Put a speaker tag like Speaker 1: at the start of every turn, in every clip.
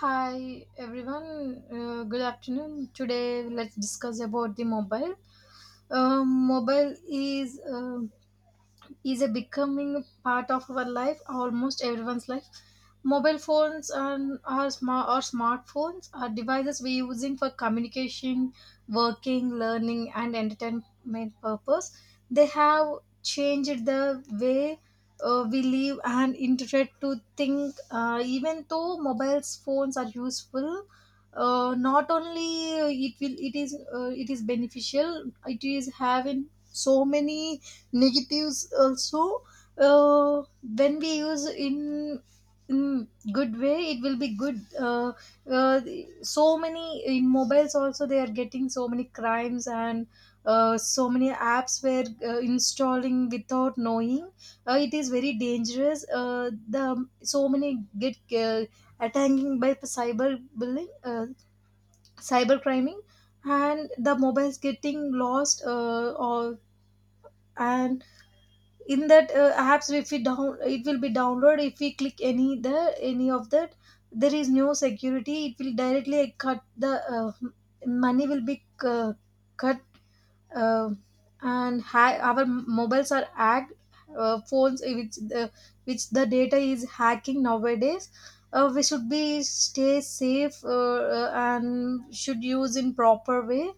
Speaker 1: Hi everyone, good afternoon. Today let's discuss about the mobile. Mobile is a becoming a part of our life, almost everyone's life. Mobile phones and our smart or smartphones are devices we're using for communication, working, learning and entertainment purpose. They have changed the way we live and interpret to think. Even though mobile phones are useful, not only it is beneficial, it is having so many negatives also. uh, when we use in good way it will be good. Uh, so many in mobiles also they are getting so many crimes, and so many apps were installing without knowing. It is very dangerous. The so many get attacking by cyber bullying, cyber criming, and the mobiles getting lost or and in that apps, if we down it will be downloaded, if we click any the any of that, there is no security, it will directly cut the, money will be cut, uh, and our mobiles are hacked, phones which the data is hacking nowadays. We should be stay safe. And should use in proper way,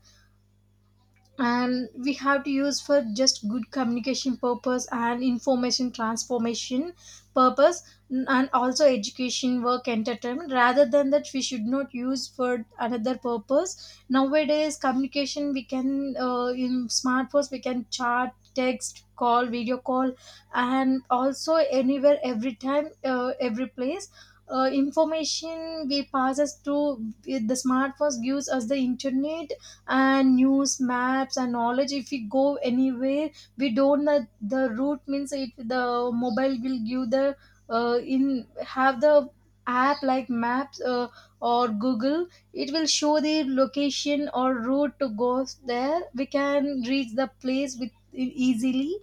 Speaker 1: and we have to use for just good communication purpose and information transformation purpose, and also education, work, entertainment. Rather than that, we should not use for another purpose. Nowadays communication we can in smartphones we can chat, text, call, video call, and also anywhere every time, every place. Information we passes through with the smartphones gives us the internet, and news, maps and knowledge. If we go anywhere we don't know the route means, it the mobile will give the, in have the app like maps, or google, it will show the location or route to go there, we can reach the place with easily.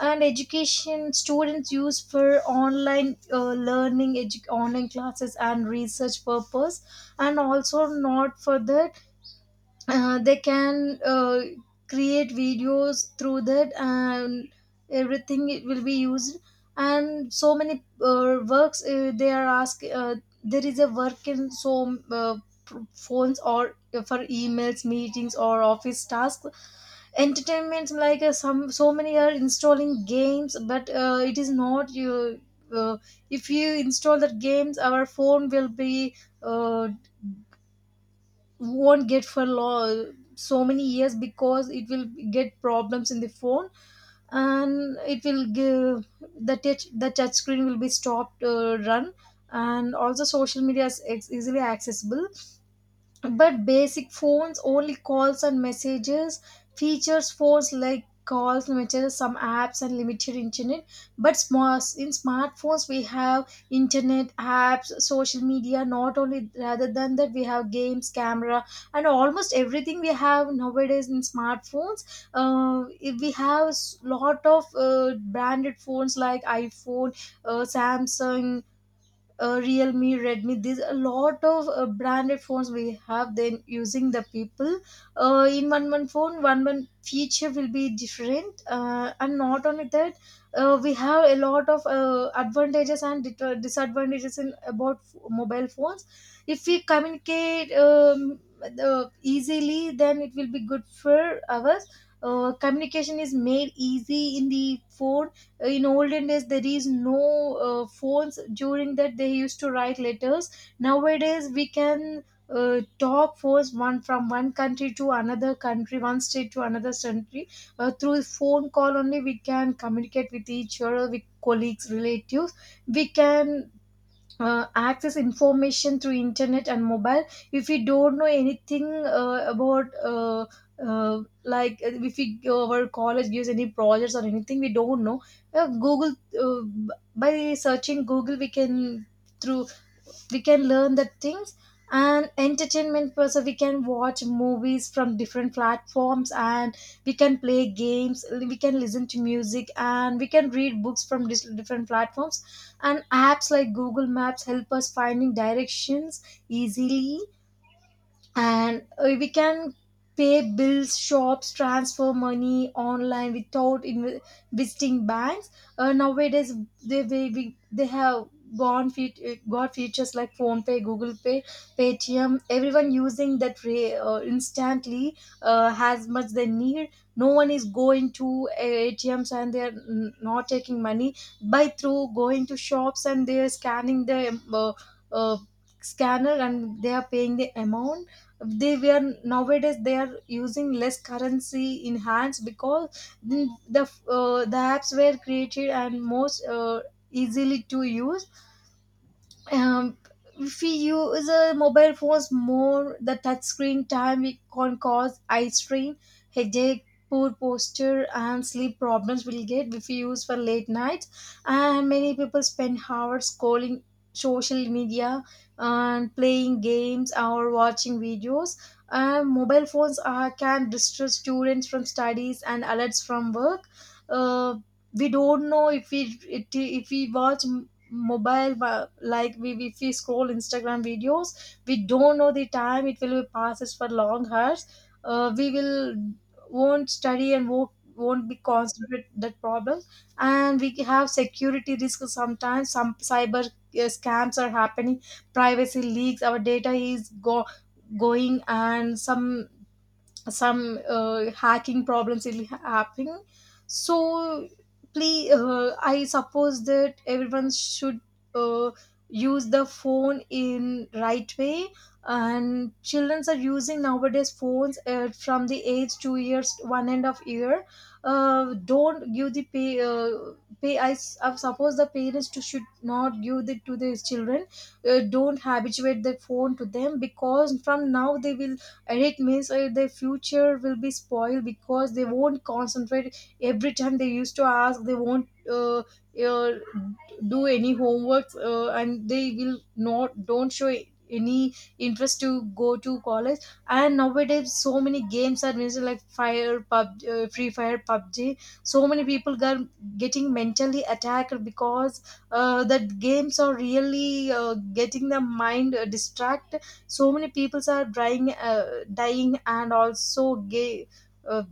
Speaker 1: And education, students use for online learning, online classes and research purpose. And also not for the they can create videos through that and everything, it will be used. And so many works they are asked. There is a work in so phones or for emails, meetings or office tasks. Entertainments like some, so many are installing games, but it is not you. uh, if you install that games, our phone will be uh, won't get for so many years because it will get problems in the phone. And it will give the touch screen will be stopped run. And also social media is easily accessible, but basic phones only calls and messages. Features phones like calls, messages, some apps and limited internet. But small, in smartphones we have internet, apps, social media, not only rather than that, we have games, camera and almost everything we have nowadays in smartphones. If we have lot of branded phones like iPhone, Samsung, Realme, Redmi, there's a lot of branded phones we have, then using the people. In one phone, one feature will be different. And not only that, we have a lot of advantages and disadvantages in about mobile phones. If we communicate easily, then it will be good for us. Communication is made easy in the phone. In olden days there is no phones. During that they used to write letters. Nowadays we can talk phones one from one country to another country, one state to another country, through phone call only we can communicate with each other, with colleagues, relatives. We can access information through internet and mobile. If we don't know anything about like if we go, our college gives any projects or anything we don't know, google, uh, b- by searching google we can through we can learn the things. And entertainment also, we can watch movies from different platforms, and we can play games, we can listen to music and we can read books from different platforms. And apps like google maps help us finding directions easily. And we can pay bills, shops, transfer money online without visiting banks. Nowadays they have gone got features like phone pay, google pay, paytm, everyone using that instantly as much they need. No one is going to atms and they are not taking money by through going to shops, and they are scanning the uh, scanner, and they are paying the amount. They were nowadays they are using less currency in hands because the apps were created and most easily to use. um, if we use mobile phones more, the touch screen time, it can cause eye strain, headache, poor posture, and sleep problems we'll get if we use for late nights. And many people spend hours scrolling social media and playing games or watching videos. Mobile phones are, can distract students from studies and alerts from work. Uh, we don't know if we if we watch mobile if we scroll instagram videos, we don't know the time, it will be passes for long hours. We will won't study and won't be concentrate that problem. And we have security risks, sometimes some cyber scams are happening, privacy leaks, our data is go going, and some hacking problems will happen. So please, I suppose that everyone should uh, use the phone in right way. And children are using nowadays phones from the age 2 years, one and of year. Uh, don't give the pay pay I, s- I suppose the parents should not give it to their children. Don't habituate the phone to them, because from now they will, and it means their future will be spoiled because they won't concentrate. Every time they used to ask, they won't uh, do any homeworks, and they will not don't show any interest to go to college. And nowadays so many games are mentioned like fire pub free fire, pubg. So many people are getting mentally attacked because that games are really getting the mind distract. So many peoples are dying, dying and also gay, uh,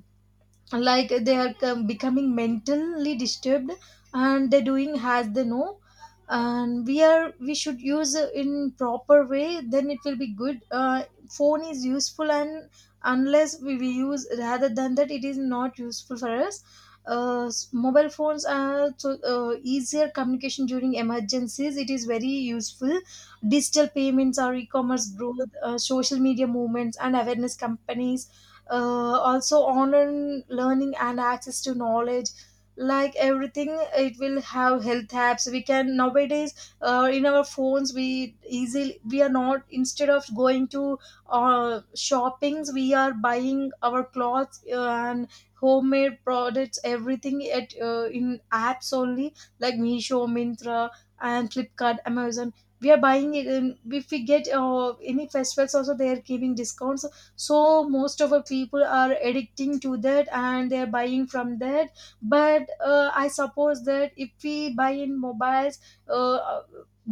Speaker 1: like they are becoming mentally disturbed, and they're doing as they know. And we should use in proper way, then it will be good. Phone is useful, and unless we use rather than that, it is not useful for us. Mobile phones are so easier communication during emergencies, it is very useful. Digital payments or e-commerce growth, social media movements and awareness companies, uh, also online learning and access to knowledge, like everything. It will have health apps we can nowadays in our phones, we easily we are not instead of going to shoppings, we are buying our clothes and homemade products, everything at in apps only, like Meesho, Mintra and Flipkart, Amazon. We are buying it, and if we get any festivals also, they are giving discounts. So most of our people are addicting to that, and they're buying from that. But I suppose that if we buy in mobiles, uh,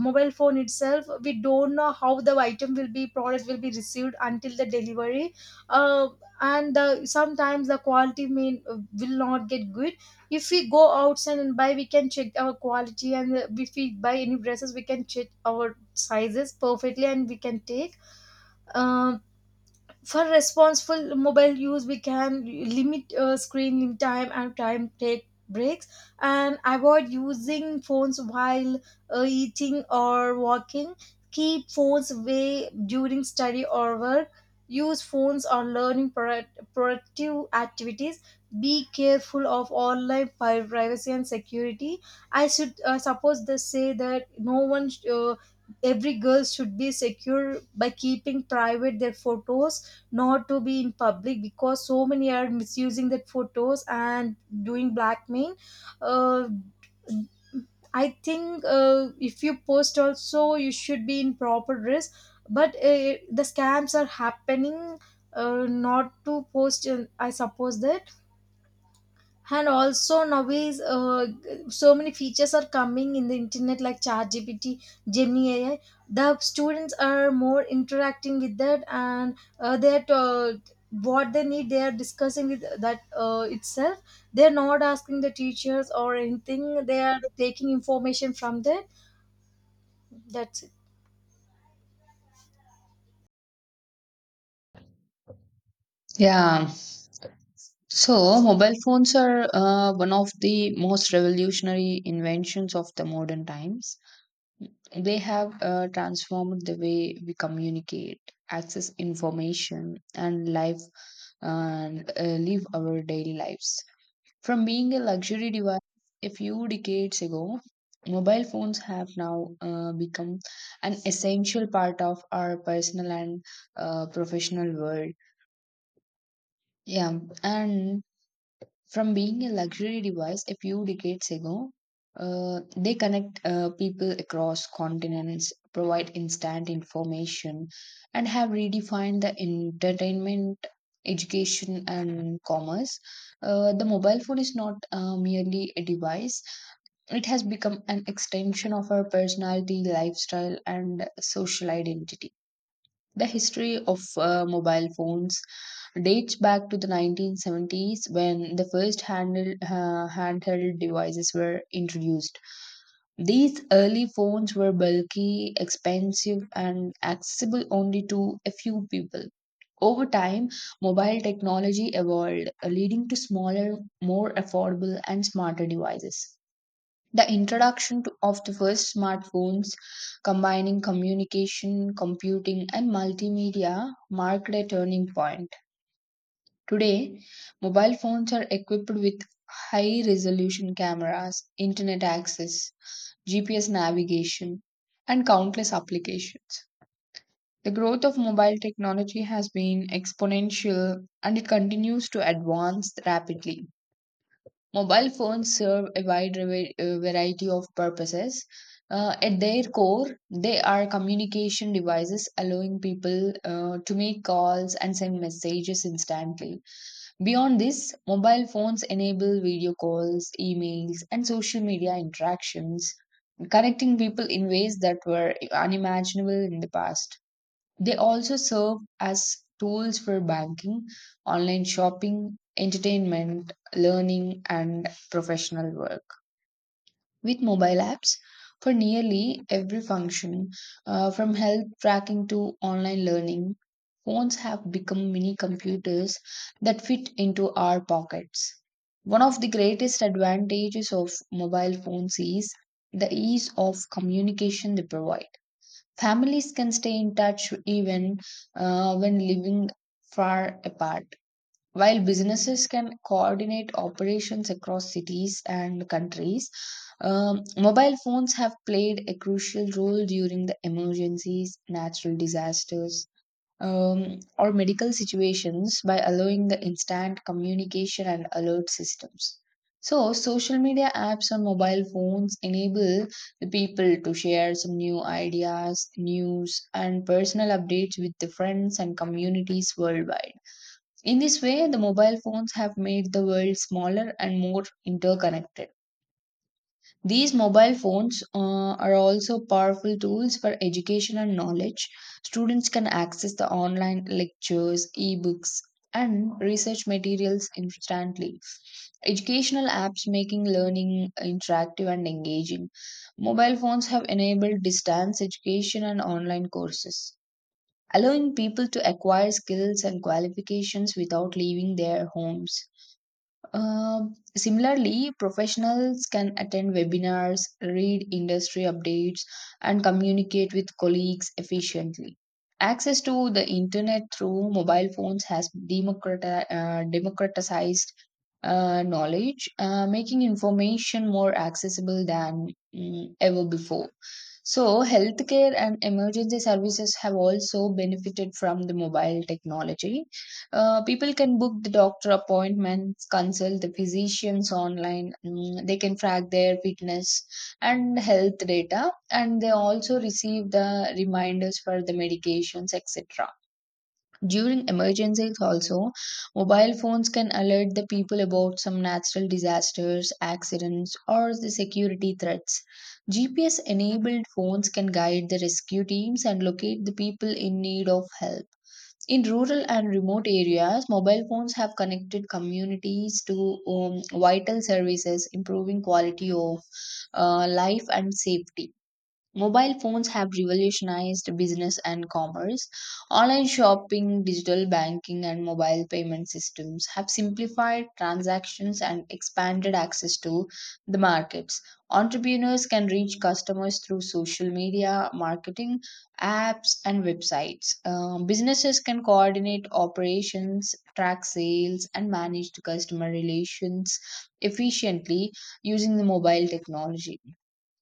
Speaker 1: mobile phone itself, we don't know how the item will be product will be received until the delivery. uh, and sometimes the quality may will not get good. If we go outside and buy, we can check our quality, and if we buy any dresses, we can check our sizes perfectly and we can take. um, for responsible mobile use, we can limit screen time and time take breaks, and avoid using phones while eating or walking, keep phones away during study or work, use phones or learning productive activities, be careful of online privacy and security. I should suppose they say that no one sh- every girl should be secure by keeping private their photos, not to be in public, because so many are misusing that photos and doing blackmail. uh, I think if you post also you should be in proper dress, but the scams are happening, not to post, I suppose that. And also nowadays, so many features are coming in the internet like ChatGPT, Gemini AI. The students are more interacting with that, and that what they need, they are discussing with that itself. They are not asking the teachers or anything. They are taking information from that. That's it.
Speaker 2: Yeah. So mobile phones are one of the most revolutionary inventions of the modern times. They have transformed the way we communicate, access information, and life and live our daily lives. From being a luxury device a few decades ago, mobile phones have now become an essential part of our personal and professional world. Yeah, and from being a luxury device a few decades ago, they connect people across continents, provide instant information, and have redefined the entertainment, education, and commerce. The mobile phone is not merely a device. It has become an extension of our personality, lifestyle, and social identity. The history of mobile phones dates back to the 1970s when the first handheld devices were introduced. These early phones were bulky, expensive, and accessible only to a few people. Over time, mobile technology evolved, leading to smaller, more affordable, and smarter devices. The introduction of the first smartphones, combining communication, computing, and multimedia, marked a turning point. Today, mobile phones are equipped with high resolution cameras, internet access, GPS navigation, and countless applications. The growth of mobile technology has been exponential, and it continues to advance rapidly. Mobile phones serve a wide variety of purposes. At their core, they are communication devices allowing people to make calls and send messages instantly. Beyond this, mobile phones enable video calls, emails, and social media interactions, connecting people in ways that were unimaginable in the past. They also serve as tools for banking, online shopping, entertainment, learning, and professional work with mobile apps for nearly every function, from health tracking to online learning. Phones have become mini computers that fit into our pockets. One of the greatest advantages of mobile phones is the ease of communication they provide. Families can stay in touch even when living far apart, while businesses can coordinate operations across cities and countries. Mobile phones have played a crucial role during the emergencies, natural disasters, or medical situations by allowing the instant communication and alert systems. So, social media apps on mobile phones enable the people to share some new ideas, news, and personal updates with the friends and communities worldwide. In this way, the mobile phones have made the world smaller and more interconnected. These mobile phones are also powerful tools for education and knowledge. Students can access the online lectures, ebooks, and research materials instantly. Educational apps making learning interactive and engaging. Mobile phones have enabled distance education and online courses, allowing people to acquire skills and qualifications without leaving their homes. Uh, similarly, professionals can attend webinars, read industry updates, and communicate with colleagues efficiently. Access to the internet through mobile phones has democratized knowledge, making information more accessible than ever before. So, healthcare and emergency services have also benefited from the mobile technology. People can book the doctor appointments, consult the physicians online. They can track their fitness and health data, and they also receive the reminders for the medications, etc. During emergencies, also, mobile phones can alert the people about some natural disasters, accidents, or the security threats. GPS enabled phones can guide the rescue teams and locate the people in need of help. In rural and remote areas, mobile phones have connected communities to vital services, improving quality of life and safety. Mobile phones have revolutionized business and commerce. Online shopping, digital banking, and mobile payment systems have simplified transactions and expanded access to the markets. Entrepreneurs can reach customers through social media, marketing, apps, and websites. Businesses can coordinate operations, track sales, and manage the customer relations efficiently using the mobile technology.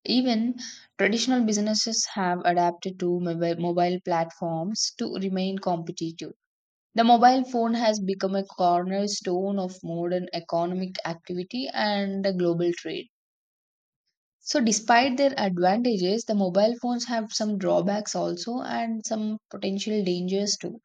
Speaker 2: Even traditional businesses have adapted to mobile platforms to remain competitive. The mobile phone has become a cornerstone of modern economic activity and global trade. So, despite their advantages, the mobile phones have some drawbacks also and some potential dangers too.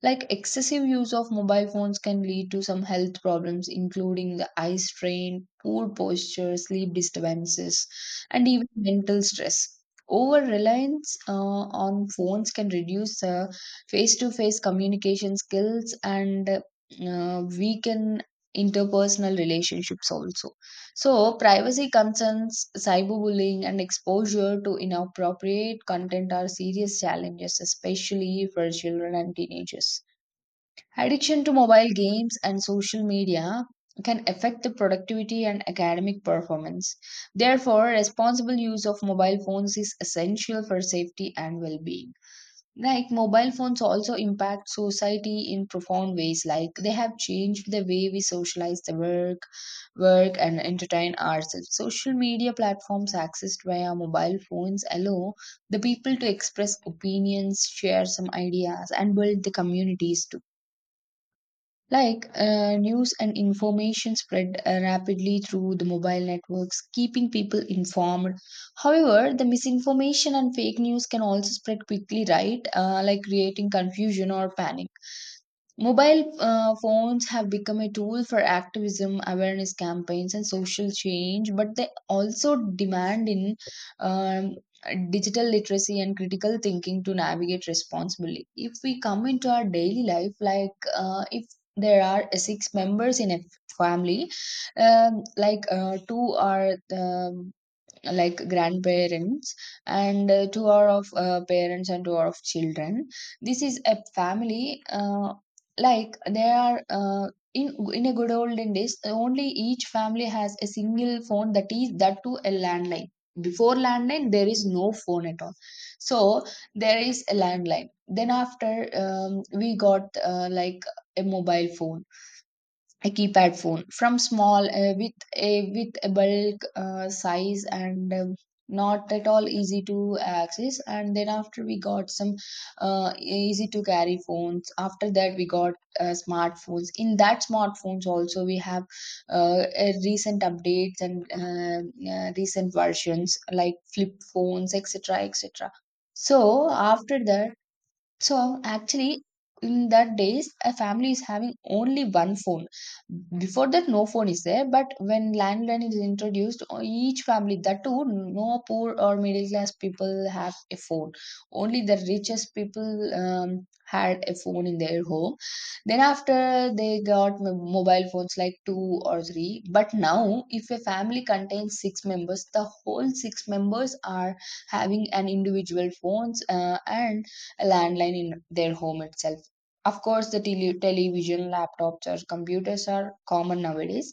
Speaker 2: Like excessive use of mobile phones can lead to some health problems, including the eye strain, poor posture, sleep disturbances, and even mental stress. Over reliance on phones can reduce the face to face communication skills and weaken interpersonal relationships also. So, privacy concerns, cyberbullying, and exposure to inappropriate content are serious challenges, especially for children and teenagers. Addiction to mobile games and social media can affect the productivity and academic performance. Therefore, responsible use of mobile phones is essential for safety and well being. Like mobile phones also impact society in profound ways. Like they have changed the way we socialize, work and entertain ourselves. Social media platforms accessed via mobile phones allow the people to express opinions, share some ideas, and build the communities too, like news and information spread rapidly through the mobile networks, keeping people informed. However, the misinformation and fake news can also spread quickly, right? Like creating confusion or panic. Mobile phones have become a tool for activism, awareness campaigns, and social change, but they also demand in um, digital literacy and critical thinking to navigate responsibly. If we come into our daily life, like if there are six members in a family, like two are the like grandparents, and two are of parents, and two are of children. This is a family, like there are in a good olden days, only each family has a single phone, that is that to a landline. Before landline, there is no phone at all. So there is a landline, then after, we got like a mobile phone, a keypad phone from small, a with a bulk size, and not at all easy to access. And then after, we got some easy to carry phones. After that, we got smartphones. In that smartphones also, we have recent updates, and recent versions like flip phones, etc., etc. So after that, so, actually, in that days, a family is having only one phone. Before that, no phone is there. But when landline is introduced, each family, that too, no poor or middle class people have a phone. Only the richest people had a phone in their home. Then after, they got mobile phones like two or three. But now, if a family contains six members, the whole six members are having an individual phones, and a landline in their home itself. Of course, the television, laptops, or computers are common nowadays,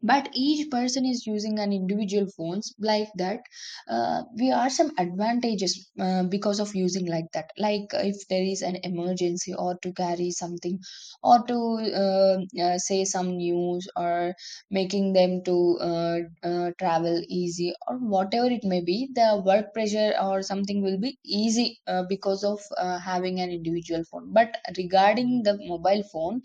Speaker 2: but each person is using an individual phones like that, we are some advantages because of using like that, like if there is an emergency or to carry something or to uh, say some news, or making them to travel easy, or whatever it may be, the work pressure or something will be easy, because of having an individual phone. But regarding the mobile phone,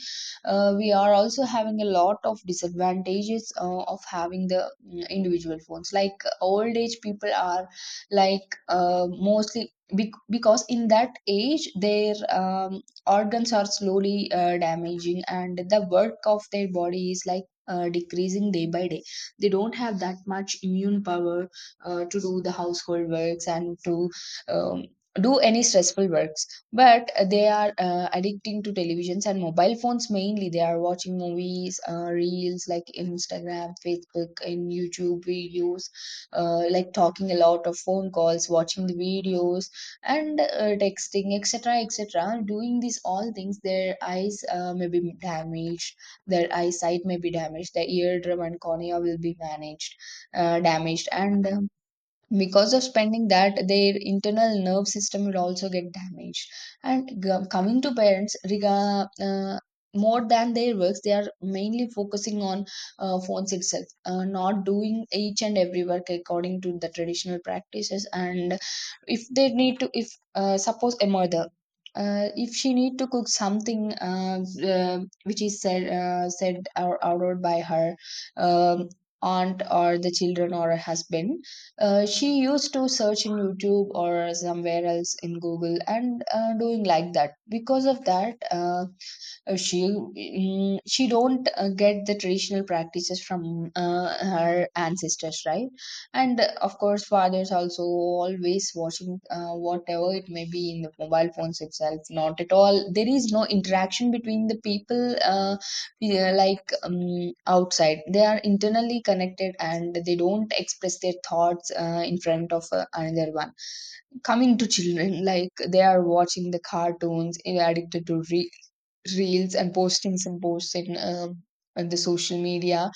Speaker 2: we are also having a lot of disadvantages of having the individual phones. Like old age people are, like mostly because in that age their organs are slowly damaging, and the work of their body is like decreasing day by day. They don't have that much immune power to do the household works and to um, do any stressful works. But they are addicting to televisions and mobile phones, mainly they are watching movies, reels like Instagram, Facebook, and YouTube videos, like talking a lot of phone calls, watching the videos, and texting, etc., etc. Doing these all things, their eyes may be damaged, their eyesight may be damaged, their eardrum and cornea will be managed, damaged, and because of spending that, their internal nerve system will also get damaged. And coming to parents, more than their works, they are mainly focusing on phones itself, not doing each and every work according to the traditional practices. And if they need to, if suppose a mother, if she need to cook something, which is said or ordered by her um aunt or the children or her husband, she used to search in YouTube or somewhere else in Google, and doing like that. Because of that, she don't get the traditional practices from her ancestors, right? And of course, fathers also always watching, whatever it may be, in the mobile phones itself. Not at all, there is no interaction between the people. Yeah, like outside they are internally connected, and they don't express their thoughts in front of another one. Coming to children, like they are watching the cartoons, addicted to reels and postings and posts in on the social media.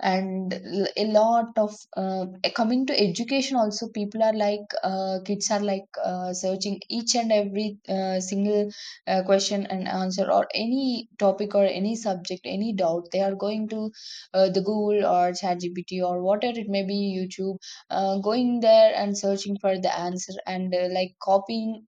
Speaker 2: And a lot of coming to education also, people are like kids are like searching each and every single question and answer or any topic or any subject any doubt, they are going to the Google or ChatGPT or whatever it may be, YouTube, going there and searching for the answer, and like copying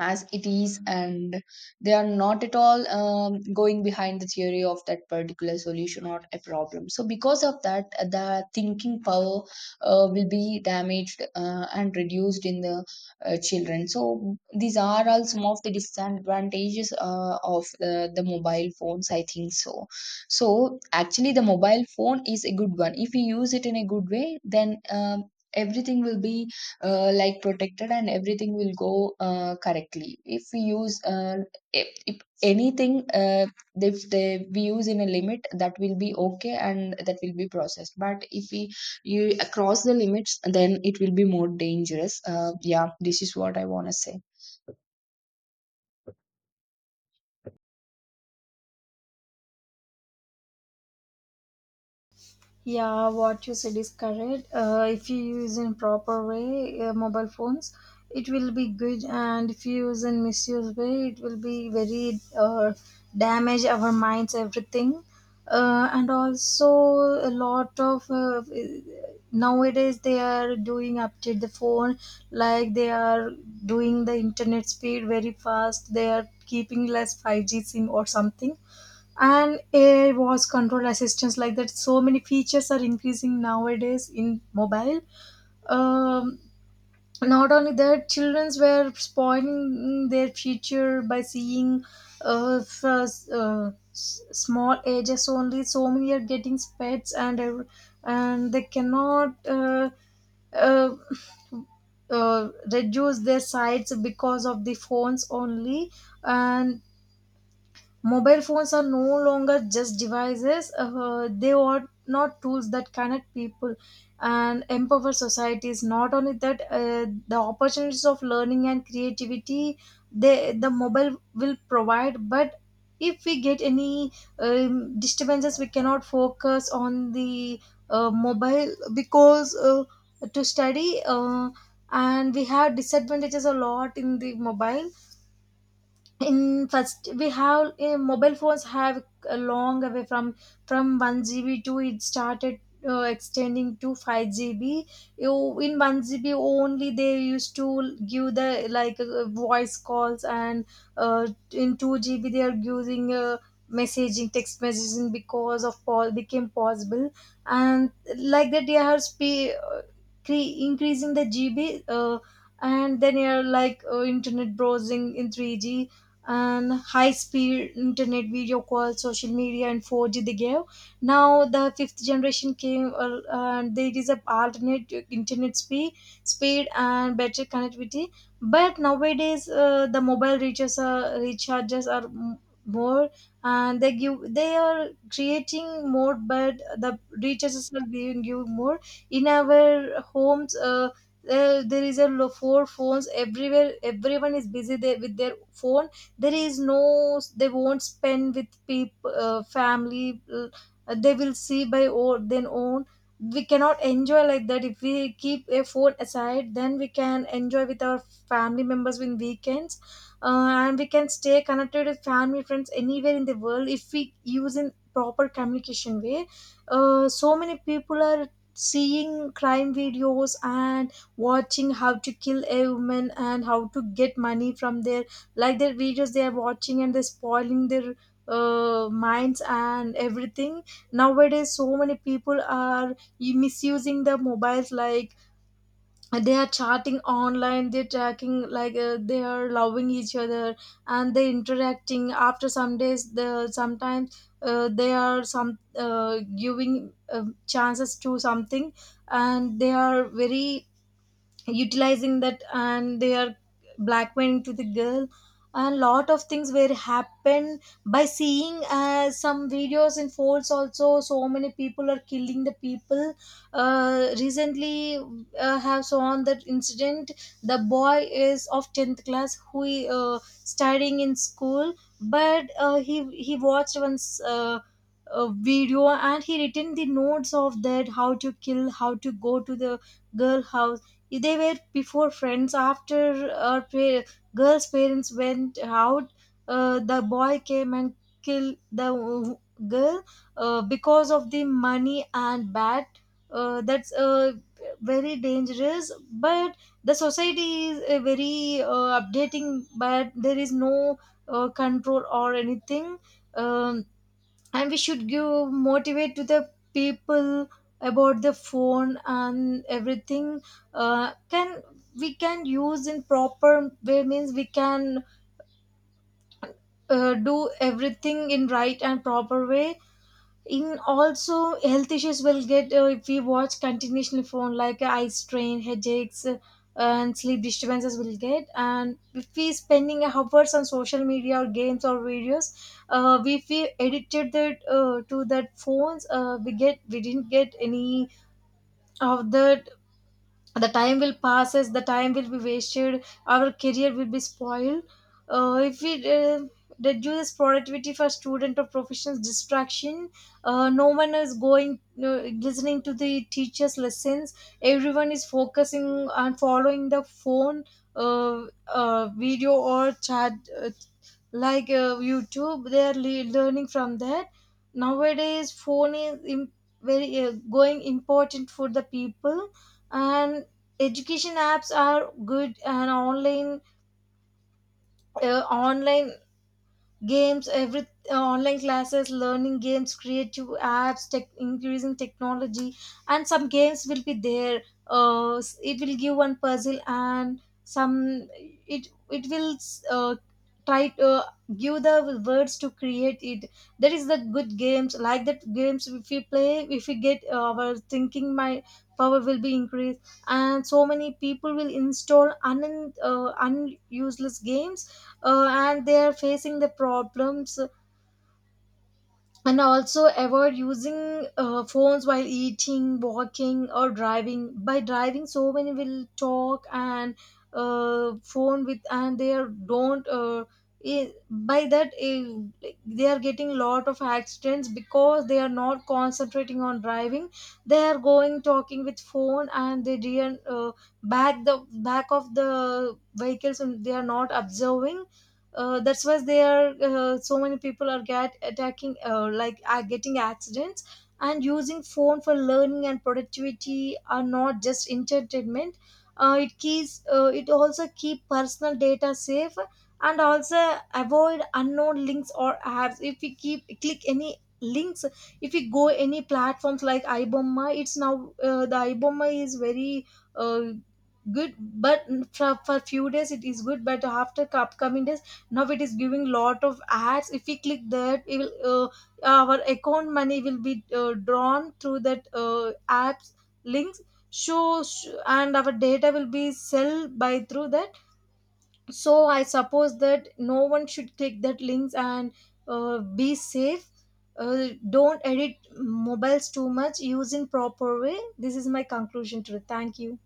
Speaker 2: as it is, and they are not at all going behind the theory of that particular solution or a problem. So because of that, the thinking power will be damaged and reduced in the children. So these are all some of the disadvantages of the mobile phones, I think so. So actually, the mobile phone is a good one. If we use it in a good way, then everything will be like protected, and everything will go correctly. If we use if anything, if they we use in a limit, that will be okay and that will be processed. But if we you cross the limits, then it will be more dangerous. Yeah, this is what I want to say.
Speaker 1: Yeah, what you said is correct. If you use in proper way mobile phones, it will be good, and if you use in misuse way, it will be very damage our minds, everything, and also a lot of nowadays they are doing update the phone like they are doing the internet speed very fast. They are keeping less five G sim or something and AI voice control assistants like that. So many features are increasing nowadays in mobile. Um, Not only that, childrens were spoiling their future by seeing first, small ages only. So many are getting pets and they cannot. Uh, Reduce their sites because of the phones only, and mobile phones are no longer just devices, they are not tools that connect people and empower societies. Not only that, the opportunities of learning and creativity they, the mobile will provide, but if we get any disturbances, we cannot focus on the mobile because to study. And we have disadvantages a lot in the mobile in first, we have mobile phones have a long away from 1 GB to it started extending to 5 GB you in 1 GB only they used to give the like voice calls and uh, in 2 GB they are using messaging text messaging because of all became possible and like that they are spe cre- increasing the GB, and then you're like internet browsing in 3G and high speed internet video calls, social media, and 4G they gave. Now the fifth generation came, and there is a alternate internet speed, speed and better connectivity. But nowadays, the mobile recharges are more, and they give they are creating more but the recharges are giving you more in our homes there is four phones everywhere, everyone is busy there with their phone, there is no, they won't spend with people, family, they will see by or then own, we cannot enjoy like that. If we keep a phone aside then we can enjoy with our family members in weekends, and we can stay connected with family friends anywhere in the world if we use in proper communication way. So many people are seeing crime videos and watching how to kill a woman and how to get money from their, like their videos they are watching and they're spoiling their minds and everything. Nowadays so many people are misusing the mobiles like they are chatting online, they're tracking, like they are loving each other and they interacting after some days, the sometimes they are some giving chances to something and they are very utilizing that, and they are blackmailing to the girl. A lot of things were happened by seeing some videos in falls also, so many people are killing the people. Recently have on that incident, the boy is of 10th class who studying in school, but he watched once a video and he written the notes of that, how to kill, how to go to the girl house. They were before friends, girl's parents went out, the boy came and killed girl because of the money and bat. That's Very dangerous, but the society is very updating but there is no control or anything. um, and we should give motivate to the people about the phone and everything. Can we can use in proper way means we can do everything in right and proper way. In also health issues will get if we watch continuously phone like eye strain, headaches, and sleep disturbances will get, and if we spending hours on social media or games or videos, if we addicted that to that phones, we get, we didn't get any of that, the time will passes, the time will be wasted, our career will be spoiled. If we reduce productivity for student or professionals distraction, no one is going listening to the teachers lessons, everyone is focusing on following the phone video or chat, uh, like YouTube they are learning from that. Nowadays phone is very going important for the people, and education apps are good, and online online games, every online classes, learning games, creative apps, tech, increasing technology. And some games will be there, it will give one puzzle and some it will uh, try to give the words to create it. That is the good games, like that games if we play, if we get our thinking, my power will be increased. And so many people will install un unuseless games, and they are facing the problems. And also avoid using phones while eating, walking or driving. By driving so many will talk and phone with, and they are don't, by that they are getting lot of accidents because they are not concentrating on driving, they are going talking with phone and they didn't back the back of the vehicles and they are not observing. That's why there so many people are get attacking like are getting accidents. And using phone for learning and productivity are not just entertainment, it also keep personal data safe. And also avoid unknown links or apps, if we keep click any links, if we go any platforms like ibomma, it's now the ibomma is very uh, good, but for few days it is good but after upcoming days now it is giving lot of ads. If we click that, it will our account money will be drawn through that apps links, and our data will be sell by through that. So I suppose that no one should click that links and be safe. Don't edit mobiles too much, use in proper way. This is my conclusion to it. Thank you.